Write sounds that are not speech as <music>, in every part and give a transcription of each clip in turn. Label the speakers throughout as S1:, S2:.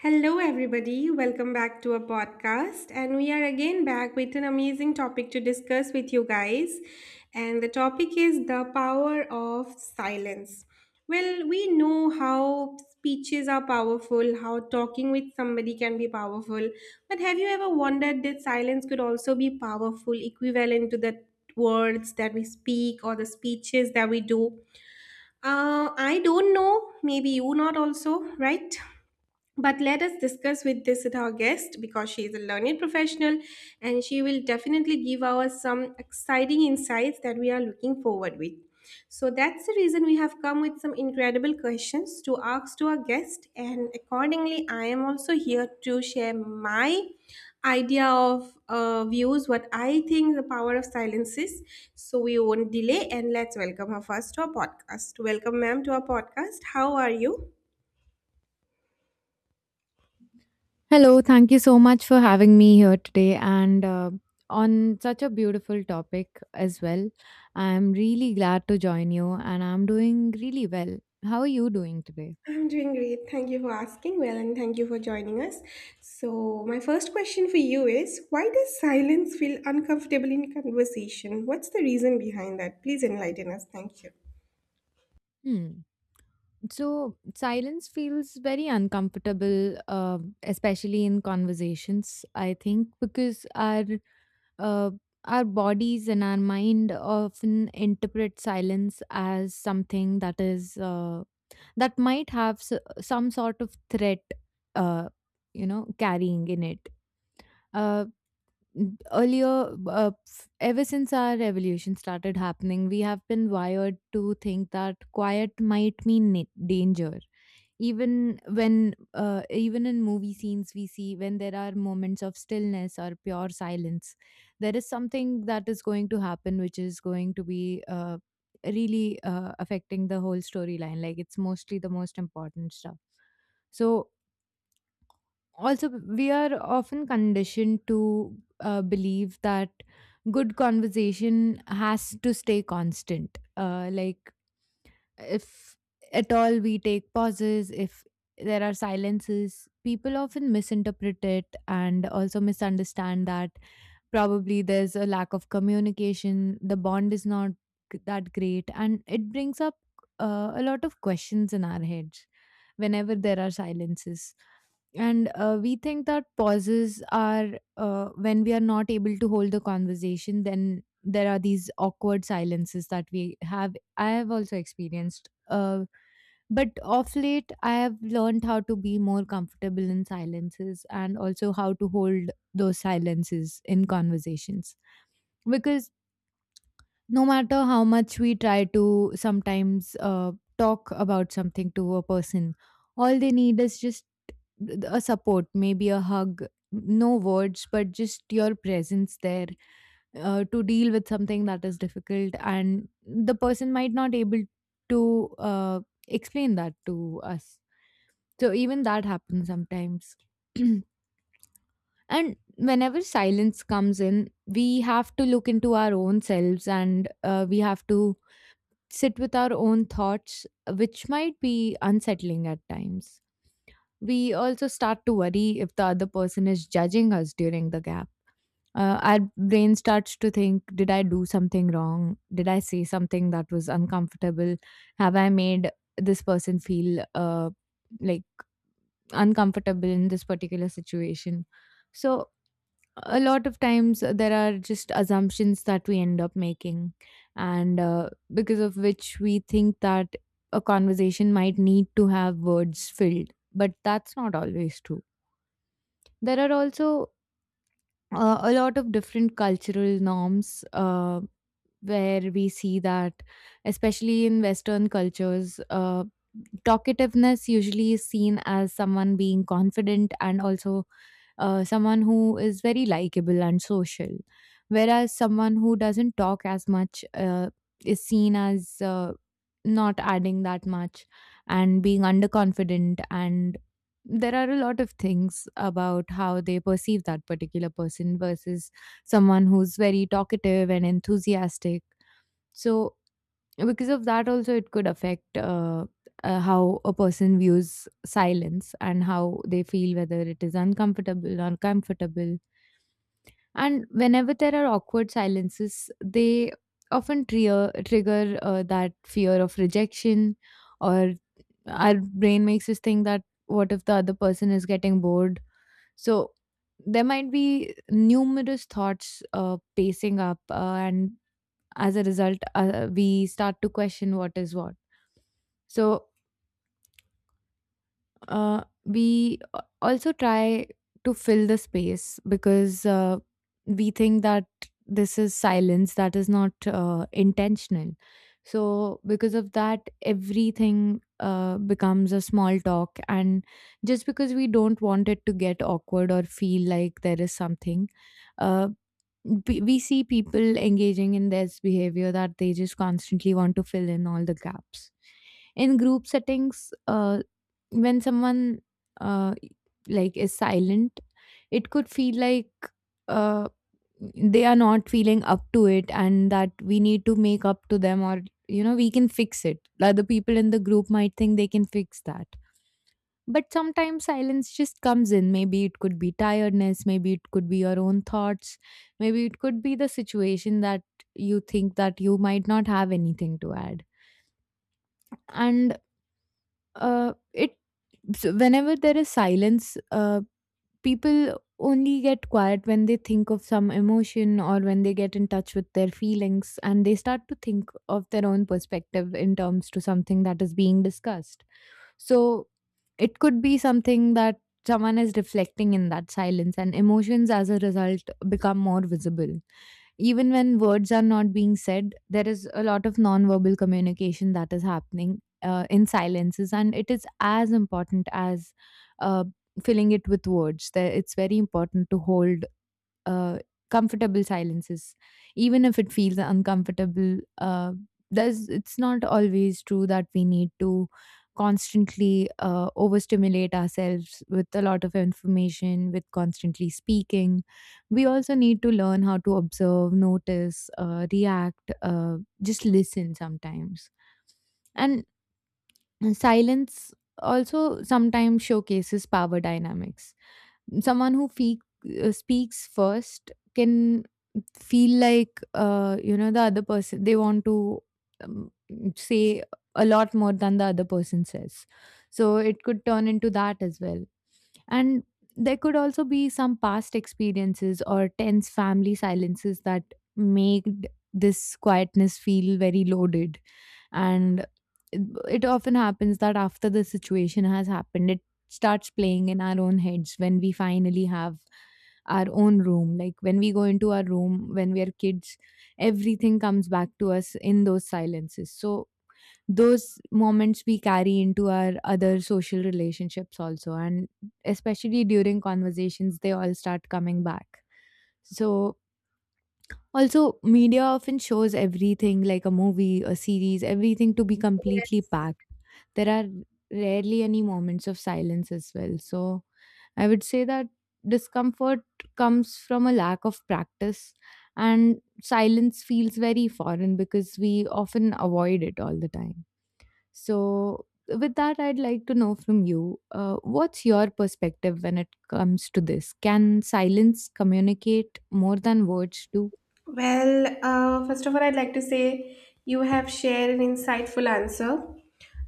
S1: Hello, everybody. Welcome back to our podcast. And we are again back with an amazing topic to discuss with you guys. And the topic is the power of silence. Well, we know how speeches are powerful, how talking with somebody can be powerful. But have you ever wondered that silence could also be powerful, equivalent to the words that we speak or the speeches that we do? I don't know. Maybe you not also, right? But let us discuss with this with our guest because she is a learned professional and she will definitely give us some exciting insights that we are looking forward with. So that's the reason we have come with some incredible questions to ask to our guest, and accordingly I am also here to share my idea of views what I think the power of silence is. So we won't delay and let's welcome her first to our podcast. Welcome ma'am to our podcast. How are you?
S2: Hello, thank you so much for having me here today and on such a beautiful topic as well. I'm really glad to join you and I'm doing really well. How are you doing today?
S1: I'm doing great. Thank you for asking. Well, and thank you for joining us. So, my first question for you is why does silence feel uncomfortable in conversation? What's the reason behind that? Please enlighten us. Thank you.
S2: Hmm. So, silence feels very uncomfortable, especially in conversations, I think, because uh, our bodies and our mind often interpret silence as something that is that might have some sort of threat uh, carrying in it uh, earlier, ever since our revolution started happening, we have been wired to think that quiet might mean danger, even when even in movie scenes we see when there are moments of stillness or pure silence, there is something that is going to happen which is going to be really affecting the whole storyline, like it's mostly the most important stuff. So, also, we are often conditioned to believe that good conversation has to stay constant. Like, if at all we take pauses, if there are silences, people often misinterpret it and also misunderstand that probably there's a lack of communication, the bond is not that great, and it brings up a lot of questions in our heads whenever there are silences. And we think that pauses are when we are not able to hold the conversation, then there are these awkward silences that we have. I have also experienced. But of late, I have learned how to be more comfortable in silences and also how to hold those silences in conversations. Because no matter how much we try to sometimes talk about something to a person, all they need is just a support, maybe a hug, no words, but just your presence there to deal with something that is difficult. And the person might not able to explain that to us, so even that happens sometimes. <clears throat> And whenever silence comes in, we have to look into our own selves, and we have to sit with our own thoughts, which might be unsettling at times. We also start to worry if the other person is judging us during the gap. Our brain starts to think, did I do something wrong? Did I say something that was uncomfortable? Have I made this person feel like uncomfortable in this particular situation. So, a lot of times there are just assumptions that we end up making, and because of which we think that a conversation might need to have words filled, but that's not always true. There are also a lot of different cultural norms where we see that, especially in Western cultures. Talkativeness usually is seen as someone being confident and also someone who is very likable and social, whereas someone who doesn't talk as much is seen as not adding that much, and being underconfident, and there are a lot of things about how they perceive that particular person versus someone who's very talkative and enthusiastic. So yeah, because of that also, it could affect how a person views silence and how they feel whether it is uncomfortable or comfortable. And whenever there are awkward silences, they often trigger that fear of rejection, or our brain makes us think that what if the other person is getting bored. So there might be numerous thoughts pacing up, and as a result we start to question what is what. So we also try to fill the space, because we think that this is silence that is not intentional. So because of that, everything becomes a small talk, and just because we don't want it to get awkward or feel like there is something, uh, we see people engaging in this behavior that they just constantly want to fill in all the gaps. In group settings when someone uh, like is silent, it could feel like uh, they are not feeling up to it, and that we need to make up to them, or you know we can fix it. Other people in the group might think they can fix that, but sometimes silence just comes in. Maybe it could be tiredness, maybe it could be your own thoughts, maybe it could be the situation that you think that you might not have anything to add. And it so whenever there is silence, people only get quiet when they think of some emotion, or when they get in touch with their feelings and they start to think of their own perspective in terms to something that is being discussed. So it could be something that someone is reflecting in that silence, and emotions as a result become more visible. Even when words are not being said, there is a lot of nonverbal communication that is happening in silences, and it is as important as uh, filling it with words. There, it's very important to hold uh, comfortable silences, even if it feels uncomfortable. It's not always true that we need to constantly overstimulate ourselves with a lot of information, with constantly speaking. We also need to learn how to observe, notice, react, just listen sometimes. And <clears throat> silence also sometimes showcases power dynamics. Someone who speaks first can feel like the other person, they want to um, say a lot more than the other person says. So it could turn into that as well. And there could also be some past experiences or tense family silences that made this quietness feel very loaded. And it, it often happens that after the situation has happened, it starts playing in our own heads when we finally have our own room, like when we go into our room when we are kids, everything comes back to us in those silences. So those moments we carry into our other social relationships also, and especially during conversations they all start coming back. So also, media often shows everything, like a movie, a series, everything to be completely packed. There are rarely any moments of silence as well. So, I would say that discomfort comes from a lack of practice, and silence feels very foreign because we often avoid it all the time. So, with that, I'd like to know from you, what's your perspective when it comes to this? Can silence communicate more than words do?
S1: Well, first of all, I'd like to say you have shared an insightful answer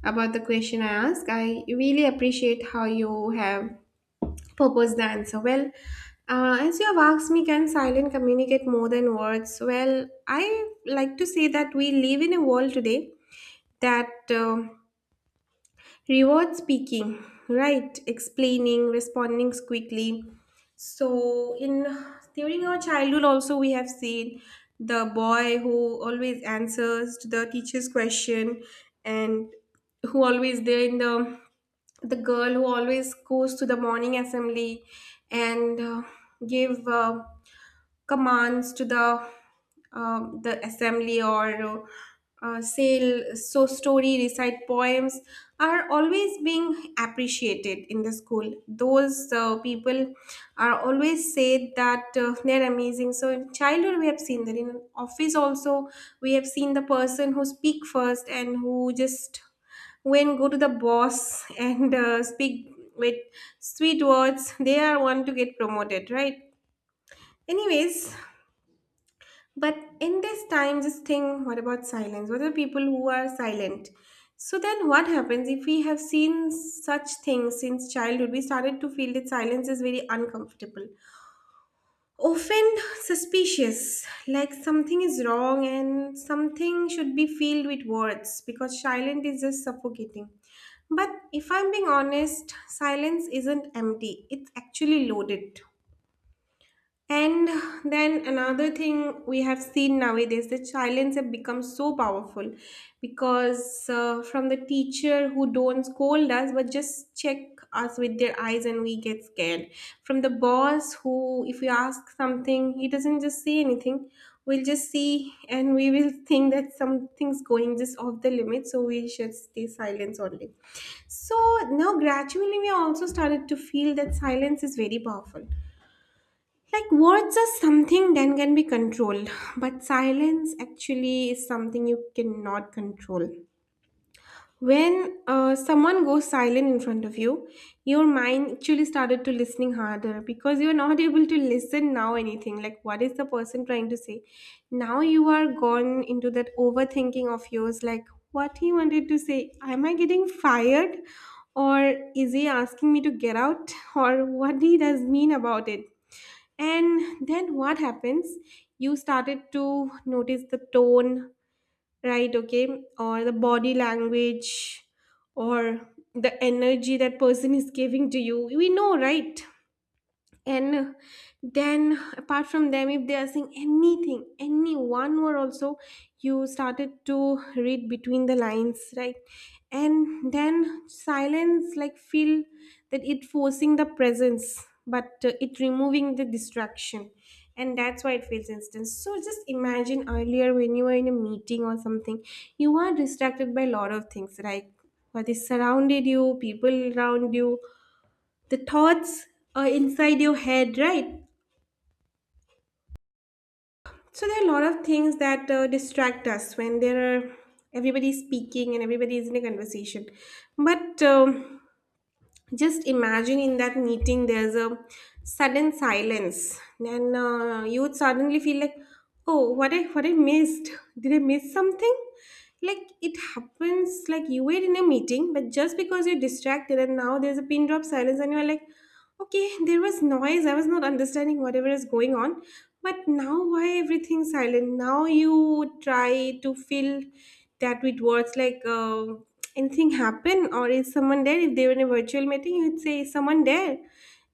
S1: about the question I asked. I really appreciate how you have proposed the answer. Well, as you have asked me, can silence communicate more than words? Well, I like to say that we live in a world today that reward speaking, right? Explaining, responding quickly. So in during our childhood also we have seen the boy who always answers to the teacher's question, and who always there in the girl who always goes to the morning assembly, and give commands to the assembly, or sale so story recite poems are always being appreciated in the school. Those people are always said that they're amazing. So in childhood we have seen that. In office also we have seen the person who speak first and who just when go to the boss <laughs> and speak with sweet words, they are one to get promoted, right? Anyways, but in this time, just think, what about silence? What are people who are silent? So then, what happens if we have seen such things since childhood? We started to feel that silence is very uncomfortable, often suspicious, like something is wrong and something should be filled with words because silent is just suffocating. But if I'm being honest, silence isn't empty, it's actually loaded. And then another thing we have seen nowadays, that silence have become so powerful because from the teacher who don't scold us but just check us with their eyes, and we get scared. From the boss who, if we ask something, he doesn't just say anything. We'll just see and we will think that something's going just off the limit, so we should stay silent only. So now gradually we also started to feel that silence is very powerful. Like words are something that can be controlled, but silence actually is something you cannot control. When someone goes silent in front of you, your mind actually started to listening harder because you're not <laughs> able to listen now anything. Like what is the person trying to say? Now you are gone into that overthinking of yours. Like what he wanted to say. Am I getting fired, or is he asking me to get out, <laughs> or what he does mean about it? And then what happens? You started to notice the tone, right? Okay, or the body language, or the energy that person is giving to you. We know, right? And then apart from them, if they are saying anything, any one word also, you started to read between the lines, right? And then silence like feel that it forcing the presence, but it removing the distraction, and that's why it feels instant. So just imagine earlier when you were in a meeting or something, you are distracted by a lot of things, like what is surrounded you, people around you, the thoughts are inside your head, right? So there are a lot of things that distract us when there are everybody speaking and everybody is in a conversation. But just imagine in that meeting there's a sudden silence, and you would suddenly feel like, oh, what I missed, did I miss something? Like it happens, like you were in a meeting, but just because you're distracted and now there's a pin drop silence, and you're like, okay, there was noise. I was not understanding whatever is going on. But now why everything silent? Now you try to fill that with words, like anything happen or is someone there? If they were in a virtual meeting, you'd say, "Is someone there."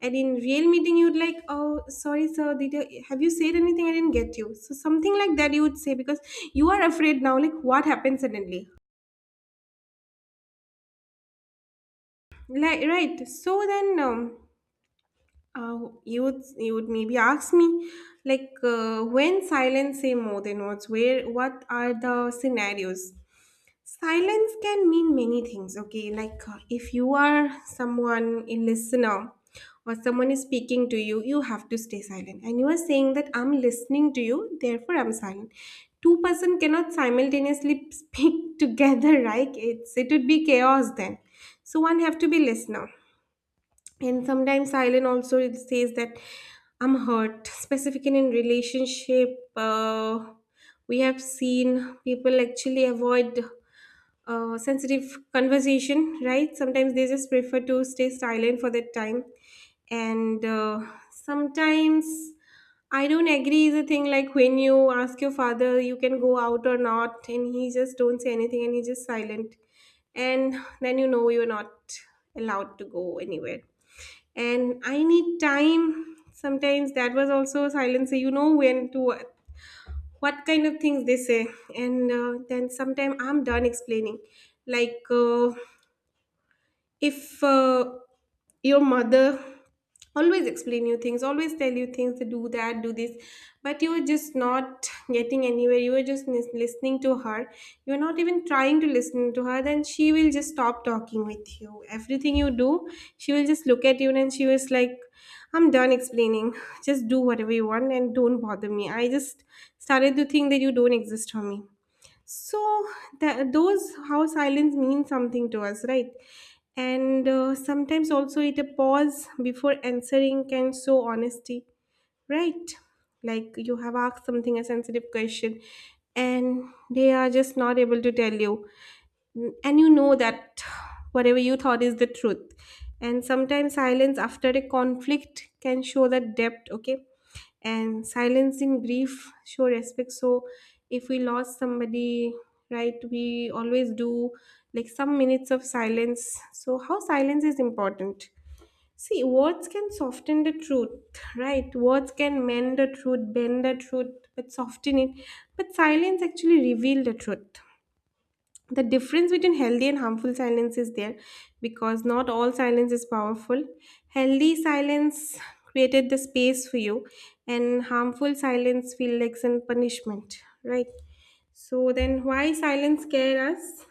S1: And in real meeting, you'd like, oh, sorry, sir, have you said anything? I didn't get you. So something like that you would say because you are afraid now. Like what happened suddenly? Like right. So then, you would maybe ask me like when silence say more than words, where what are the scenarios. Silence can mean many things, okay, like if you are someone a listener, or someone is speaking to you, you have to stay silent, and you are saying that I'm listening to you, therefore I'm silent. Two person cannot simultaneously <laughs> speak together, right? It would be chaos then. So one have to be listener. And sometimes silence also it says that I'm hurt, specifically in relationship. We have seen people actually avoid sensitive conversation, right? Sometimes they just prefer to stay silent for that time. And sometimes I don't agree is a thing, like when you ask your father you can go out or not, and he just don't say anything, and he's just silent, and then you know you're not allowed to go anywhere. And I need time sometimes, that was also silence. So you know when to what kind of things they say. And then sometime I'm done explaining, like if your mother always explain you things, always tell you things, do that, do this, but you are just not getting anywhere, you are just listening to her, you're not even trying to listen to her. Then she will just stop talking with you. Everything you do, she will just look at you and she was like, I'm done explaining. Just do whatever you want, and don't bother me. I just started to think that you don't exist for me. So that those how silence means something to us, right? And sometimes also it a pause before answering can show honesty, right? Like you have asked something, a sensitive question, and they are just not able to tell you, and you know that whatever you thought is the truth. And sometimes silence after a conflict can show the depth, okay? And silencing grief show respect. So if we lost somebody, right, we always do like some minutes of silence. So how silence is important. See, words can soften the truth, right? Words can mend the truth, bend the truth, but soften it. But silence actually reveal the truth. The difference between healthy and harmful silence is there, because not all silence is powerful. Healthy silence created the space for you, and harmful silence feels like some punishment, right? So then why silence scare us?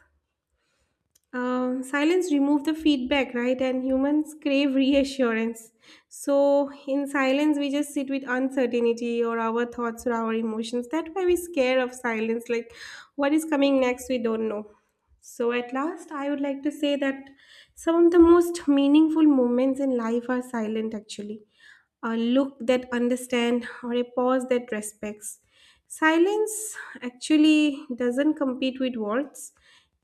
S1: Silence remove the feedback, right? And humans crave reassurance. So in silence, we just sit with uncertainty or our thoughts or our emotions. That's why we scare of silence. Like what is coming next, we don't know. So at last, I would like to say that some of the most meaningful moments in life are silent actually, a look that understands or a pause that respects. Silence actually doesn't compete with words,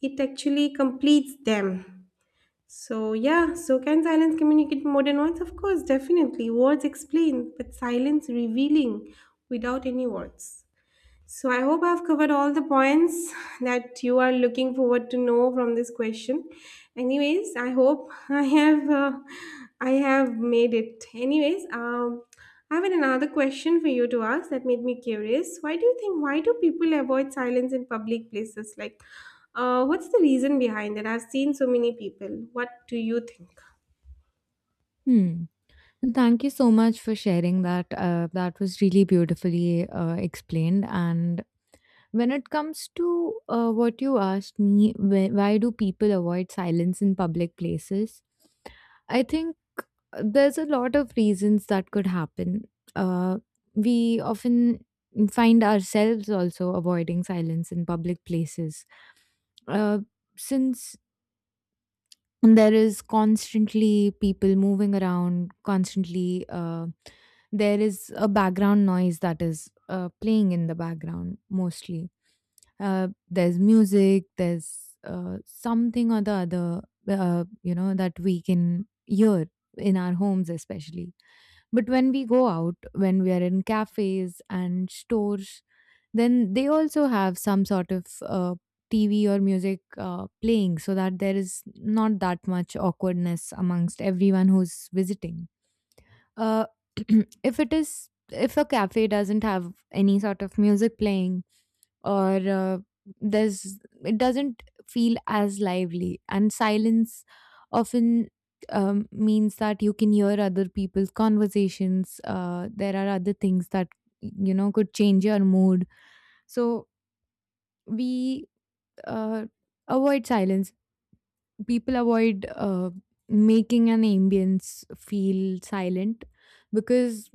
S1: it actually completes them. So, yeah, so can silence communicate more than words? Of course, definitely. Words explain, but silence revealing without any words. So I hope I've covered all the points that you are looking forward to know from this question. Anyways, I hope I have made it. Anyways, I have another question for you to ask that made me curious. Why do you think? Why do people avoid silence in public places? Like, what's the reason behind it? I've seen so many people. What do you think?
S2: Hmm. And thank you so much for sharing that. That was really beautifully explained. And when it comes to what you asked me, why do people avoid silence in public places? I think there's a lot of reasons that could happen. Uh, we often find ourselves also avoiding silence in public places. Uh, since there is constantly people moving around, constantly there is a background noise that is playing in the background mostly. There's music, there's something or the other that we can hear in our homes especially, but when we go out, when we are in cafes and stores, then they also have some sort of TV or music playing, so that there is not that much awkwardness amongst everyone who's visiting. Uh, <clears throat> if it is If a cafe doesn't have any sort of music playing, or there's it doesn't feel as lively, and silence often means that you can hear other people's conversations, there are other things that you know could change your mood. So we uh, avoid silence. People avoid making an ambience feel silent because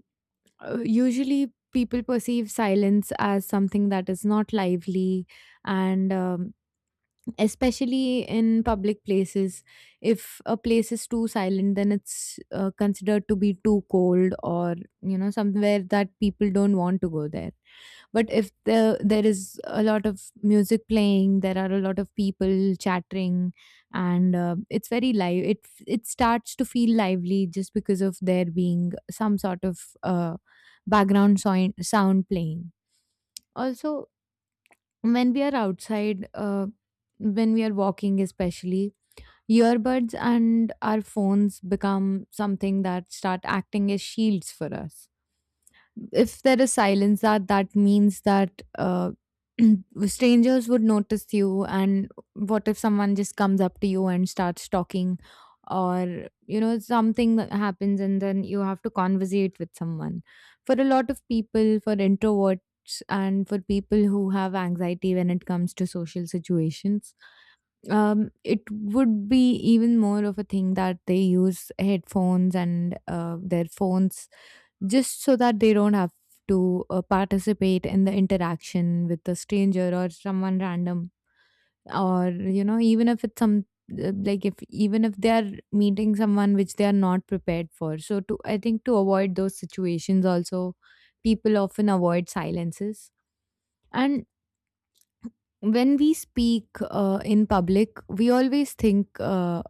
S2: usually people perceive silence as something that is not lively, and especially in public places, if a place is too silent then it's considered to be too cold, or you know, somewhere that people don't want to go there. But if the, there is a lot of music playing, there are a lot of people chattering, and it's very live, it starts to feel lively just because of there being some sort of sound playing. Also, when we are outside, when we are walking especially, earbuds and our phones become something that start acting as shields for us. If there is silence, that means that <clears throat> strangers would notice you, and what if someone just comes up to you and starts talking, or you know, something that happens and then you have to conversate with someone. For a lot of people, for introverts and for people who have anxiety when it comes to social situations, it would be even more of a thing that they use headphones and their phones, just so that they don't have to participate in the interaction with a stranger or someone random. Or you know, even if it's some like, if even if they are meeting someone which they are not prepared for, so to I think to avoid those situations also, people often avoid silences. And when we speak in public, we always think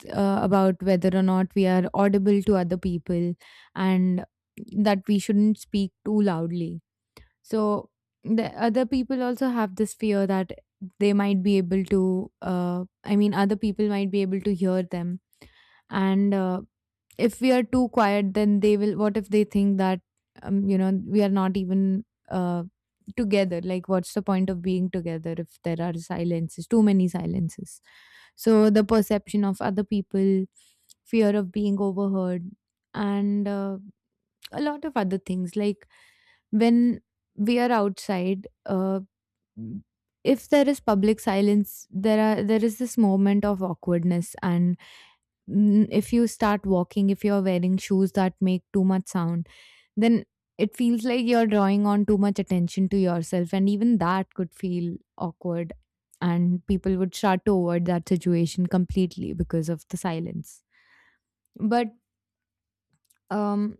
S2: about whether or not we are audible to other people, and that we shouldn't speak too loudly. So the other people also have this fear that they might be able to, I mean, other people might be able to hear them. And if we are too quiet, then they will, what if they think that you know, we are not even together, like what's the point of being together if there are silences, too many silences. So the perception of other people, fear of being overheard, and a lot of other things, like when we are outside, if there is public silence, there is this moment of awkwardness. And if you start walking, if you're wearing shoes that make too much sound, then it feels like you're drawing on too much attention to yourself. And even that could feel awkward. And people would start to avoid that situation completely because of the silence. But um,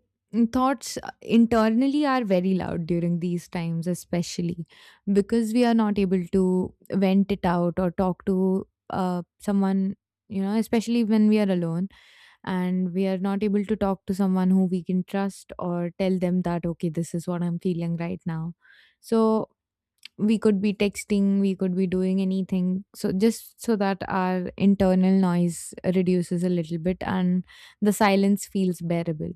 S2: thoughts internally are very loud during these times, especially because we are not able to vent it out or talk to someone, you know, especially when we are alone and we are not able to talk to someone who we can trust or tell them that okay, this is what I'm feeling right now. So we could be texting, we could be doing anything, so just so that our internal noise reduces a little bit and the silence feels bearable.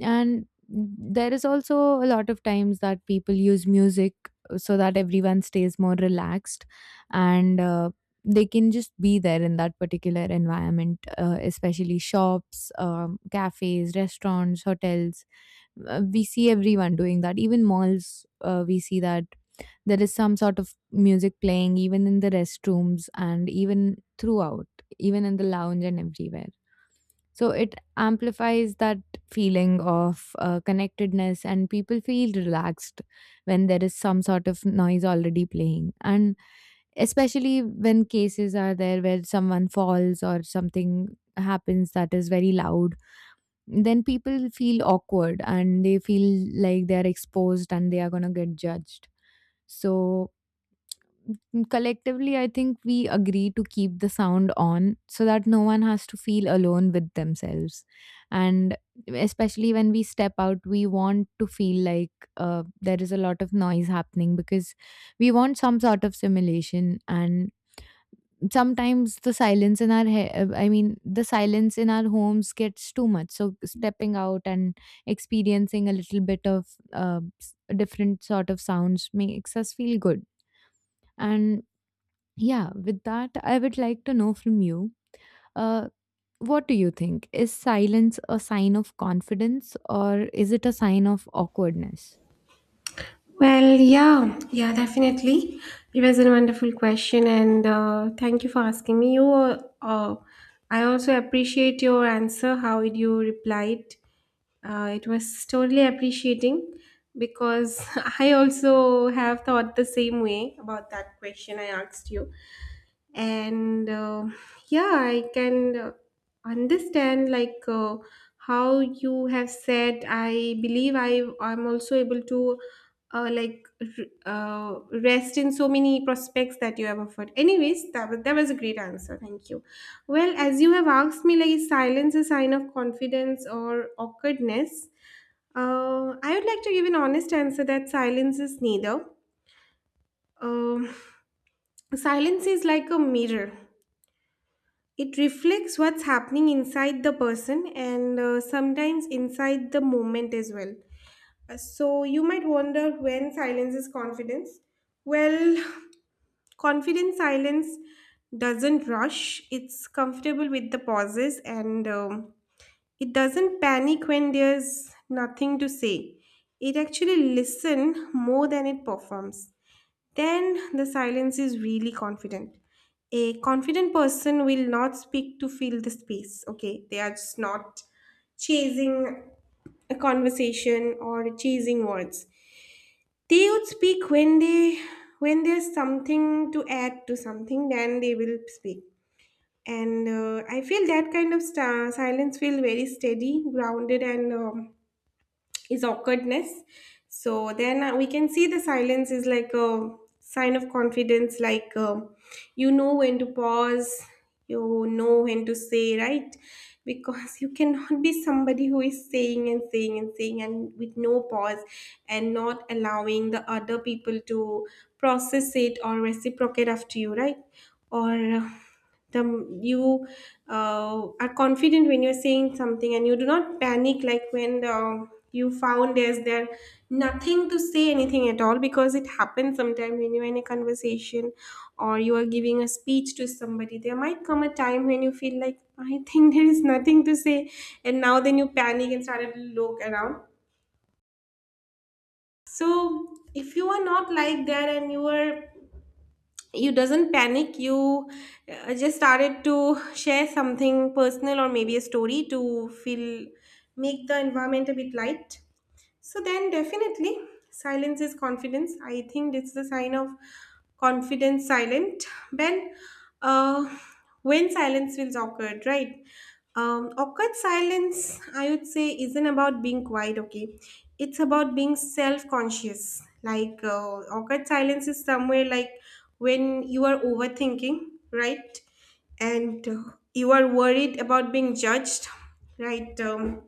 S2: And there is also a lot of times that people use music so that everyone stays more relaxed and they can just be there in that particular environment, especially shops, cafes, restaurants, hotels. We see everyone doing that, even malls, we see that there is some sort of music playing even in the restrooms, and even throughout, even in the lounge and everywhere. So it amplifies that feeling of connectedness, and people feel relaxed when there is some sort of noise already playing. And especially when cases are there where someone falls or something happens that is very loud, then people feel awkward and they feel like they are exposed and they are going to get judged. So collectively I think we agree to keep the sound on so that no one has to feel alone with themselves. And especially when we step out, we want to feel like there is a lot of noise happening because we want some sort of stimulation. And sometimes the silence in our he- I mean, the silence in our homes gets too much, so stepping out and experiencing a little bit of uh, s- different sort of sounds makes us feel good. And yeah, with that, I would like to know from you, uh, what do you think? Is silence a sign of confidence or is it a sign of awkwardness?
S1: Well, yeah, yeah, definitely. It was a wonderful question, and thank you for asking me. I also appreciate your answer. How you replied, it was totally appreciating because <laughs> I also have thought the same way about that question I asked you, and yeah, I can understand like how you have said. I believe I'm also able to like rest in so many prospects that you have offered. Anyways, that was a great answer. Thank you. Well, as you have asked me, like, is silence a sign of confidence or awkwardness? I would like to give an honest answer that silence is neither. Um, Silence is like a mirror. It reflects what's happening inside the person and sometimes inside the moment as well. So you might wonder when silence is confidence. Well, <sighs> confident silence doesn't rush. It's comfortable with the pauses, and it doesn't panic when there's nothing to say. It actually listen more than it performs. Then the silence is really confident. A confident person will not speak to fill the space. Okay, they are just not chasing a conversation or chasing words. They would speak when they when there's something to add to something, then they will speak, and I feel that kind of sta silence feel very steady, grounded, and is awkwardness. So then we can see the silence is like a sign of confidence, like, you know when to pause, you know when to say, right? Because you cannot be somebody who is saying and saying and saying and with no pause and not allowing the other people to process it or reciprocate after you, right? Or the you Are confident when you're saying something and you do not panic like when you found there's there nothing to say anything at all, because it happens sometimes when you're in a conversation or you are giving a speech to somebody. There might come a time when you feel like, I think <laughs> there is nothing to say, and now then you panic and started to look around. So if you are not like that, and you are you doesn't panic, you just started to share something personal or maybe a story to feel, make the environment a bit light. So then definitely silence is confidence. I think it's the sign of confidence silent. When uh, when silence feels awkward, right? Awkward silence, I would say, isn't about being quiet, okay? It's about being self conscious. Like, awkward silence is somewhere like when you are overthinking, right? And you are worried about being judged, right?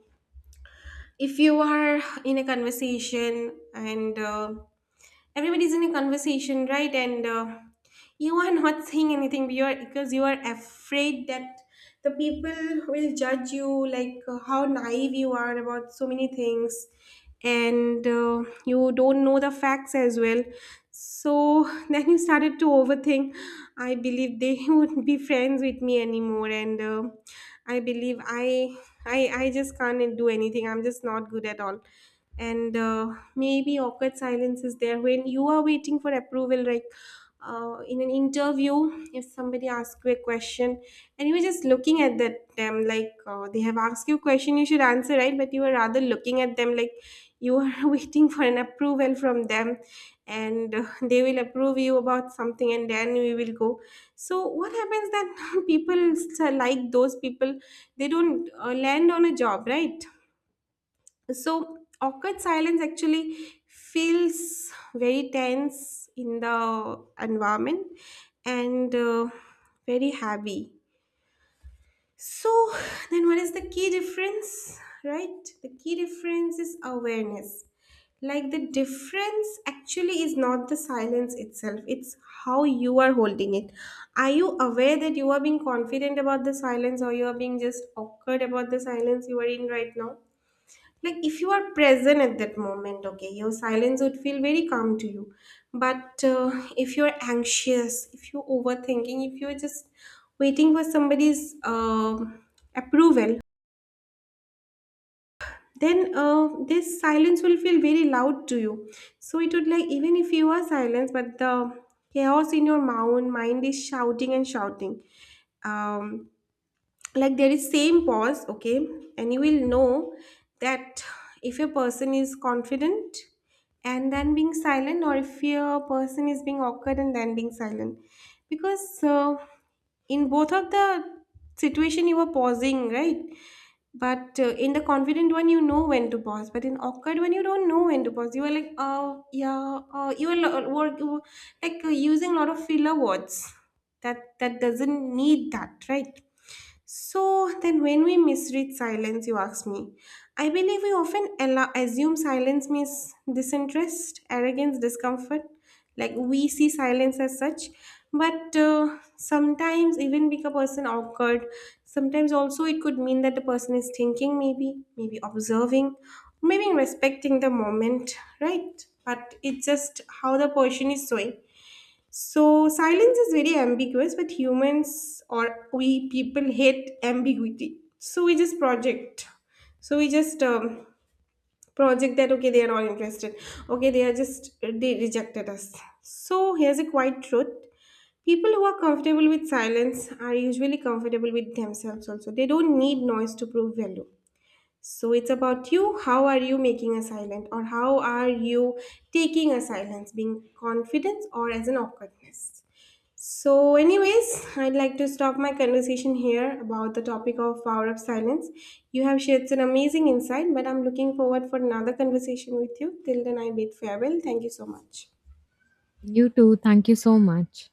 S1: If you are in a conversation, and everybody's in a conversation, right, and you are not <laughs> saying anything, but you are, because you are afraid that the people will judge you like, how naive you are about so many things, and you don't know the facts as well. So <laughs> then you started to overthink. I believe they <laughs> would not be friends with me anymore, and I believe I just can't do anything, I'm just not good at all. And maybe awkward silence is there when you are waiting for approval, like, in an interview, if somebody asks you a question and you are just looking at that them, like, they have asked you a question, you should answer, right? But you are rather looking at them like you are <laughs> waiting for an approval from them, and they will approve you about something and then we will go. So what happens that <laughs> people like those people, they don't land on a job, right? So awkward silence actually feels very tense in the environment, and very heavy. So <sighs> then what is the key difference? Right? The key difference is awareness. Like, the difference actually is not the silence itself, it's how you are holding it. Are you aware that you are being confident about the silence, or you are being just awkward about the silence you are in right now? Like, if you are present at that moment, okay, your silence would feel very calm to you. But if you're anxious, if you're overthinking, if you're just waiting for somebody's approval, then this silence will feel very loud to you. So it would like, even if you are silent, but the chaos in your mind is shouting and shouting. um, like, there is same pause, okay, and you will know that if a person is confident and then being silent, or if a person is being awkward and then being silent. Because in both of the situation you were pausing, right? But in the confident one, you know when to pause, but in awkward one you don't know when to pause. You are like, oh yeah, you are lo- work you were, like, using a lot of filler words, that doesn't need that, right? So then, when we misread silence, you ask me, I believe we often allow, assume silence means disinterest, arrogance, discomfort. Like, we see silence as such, but sometimes even make a person awkward. Sometimes also it could mean that the person is thinking, maybe, maybe observing, maybe respecting the moment, right? But it's just how the person is showing. So silence is very ambiguous, but humans, or we people, hate ambiguity. So we just project. So we just project that okay, they are not interested. Okay, they are just they rejected us. So here's a quiet truth. People who are comfortable with silence are usually comfortable with themselves also. They don't need noise to prove value. So it's about you. How are you making a silent, or how are you taking a silence, being confidence or as an awkwardness? So, anyways, I'd like to stop my conversation here about the topic of power of silence. You have shared an amazing insight, but I'm looking forward for another conversation with you. Till then, I bid farewell. Thank you so much.
S2: You too. Thank you so much.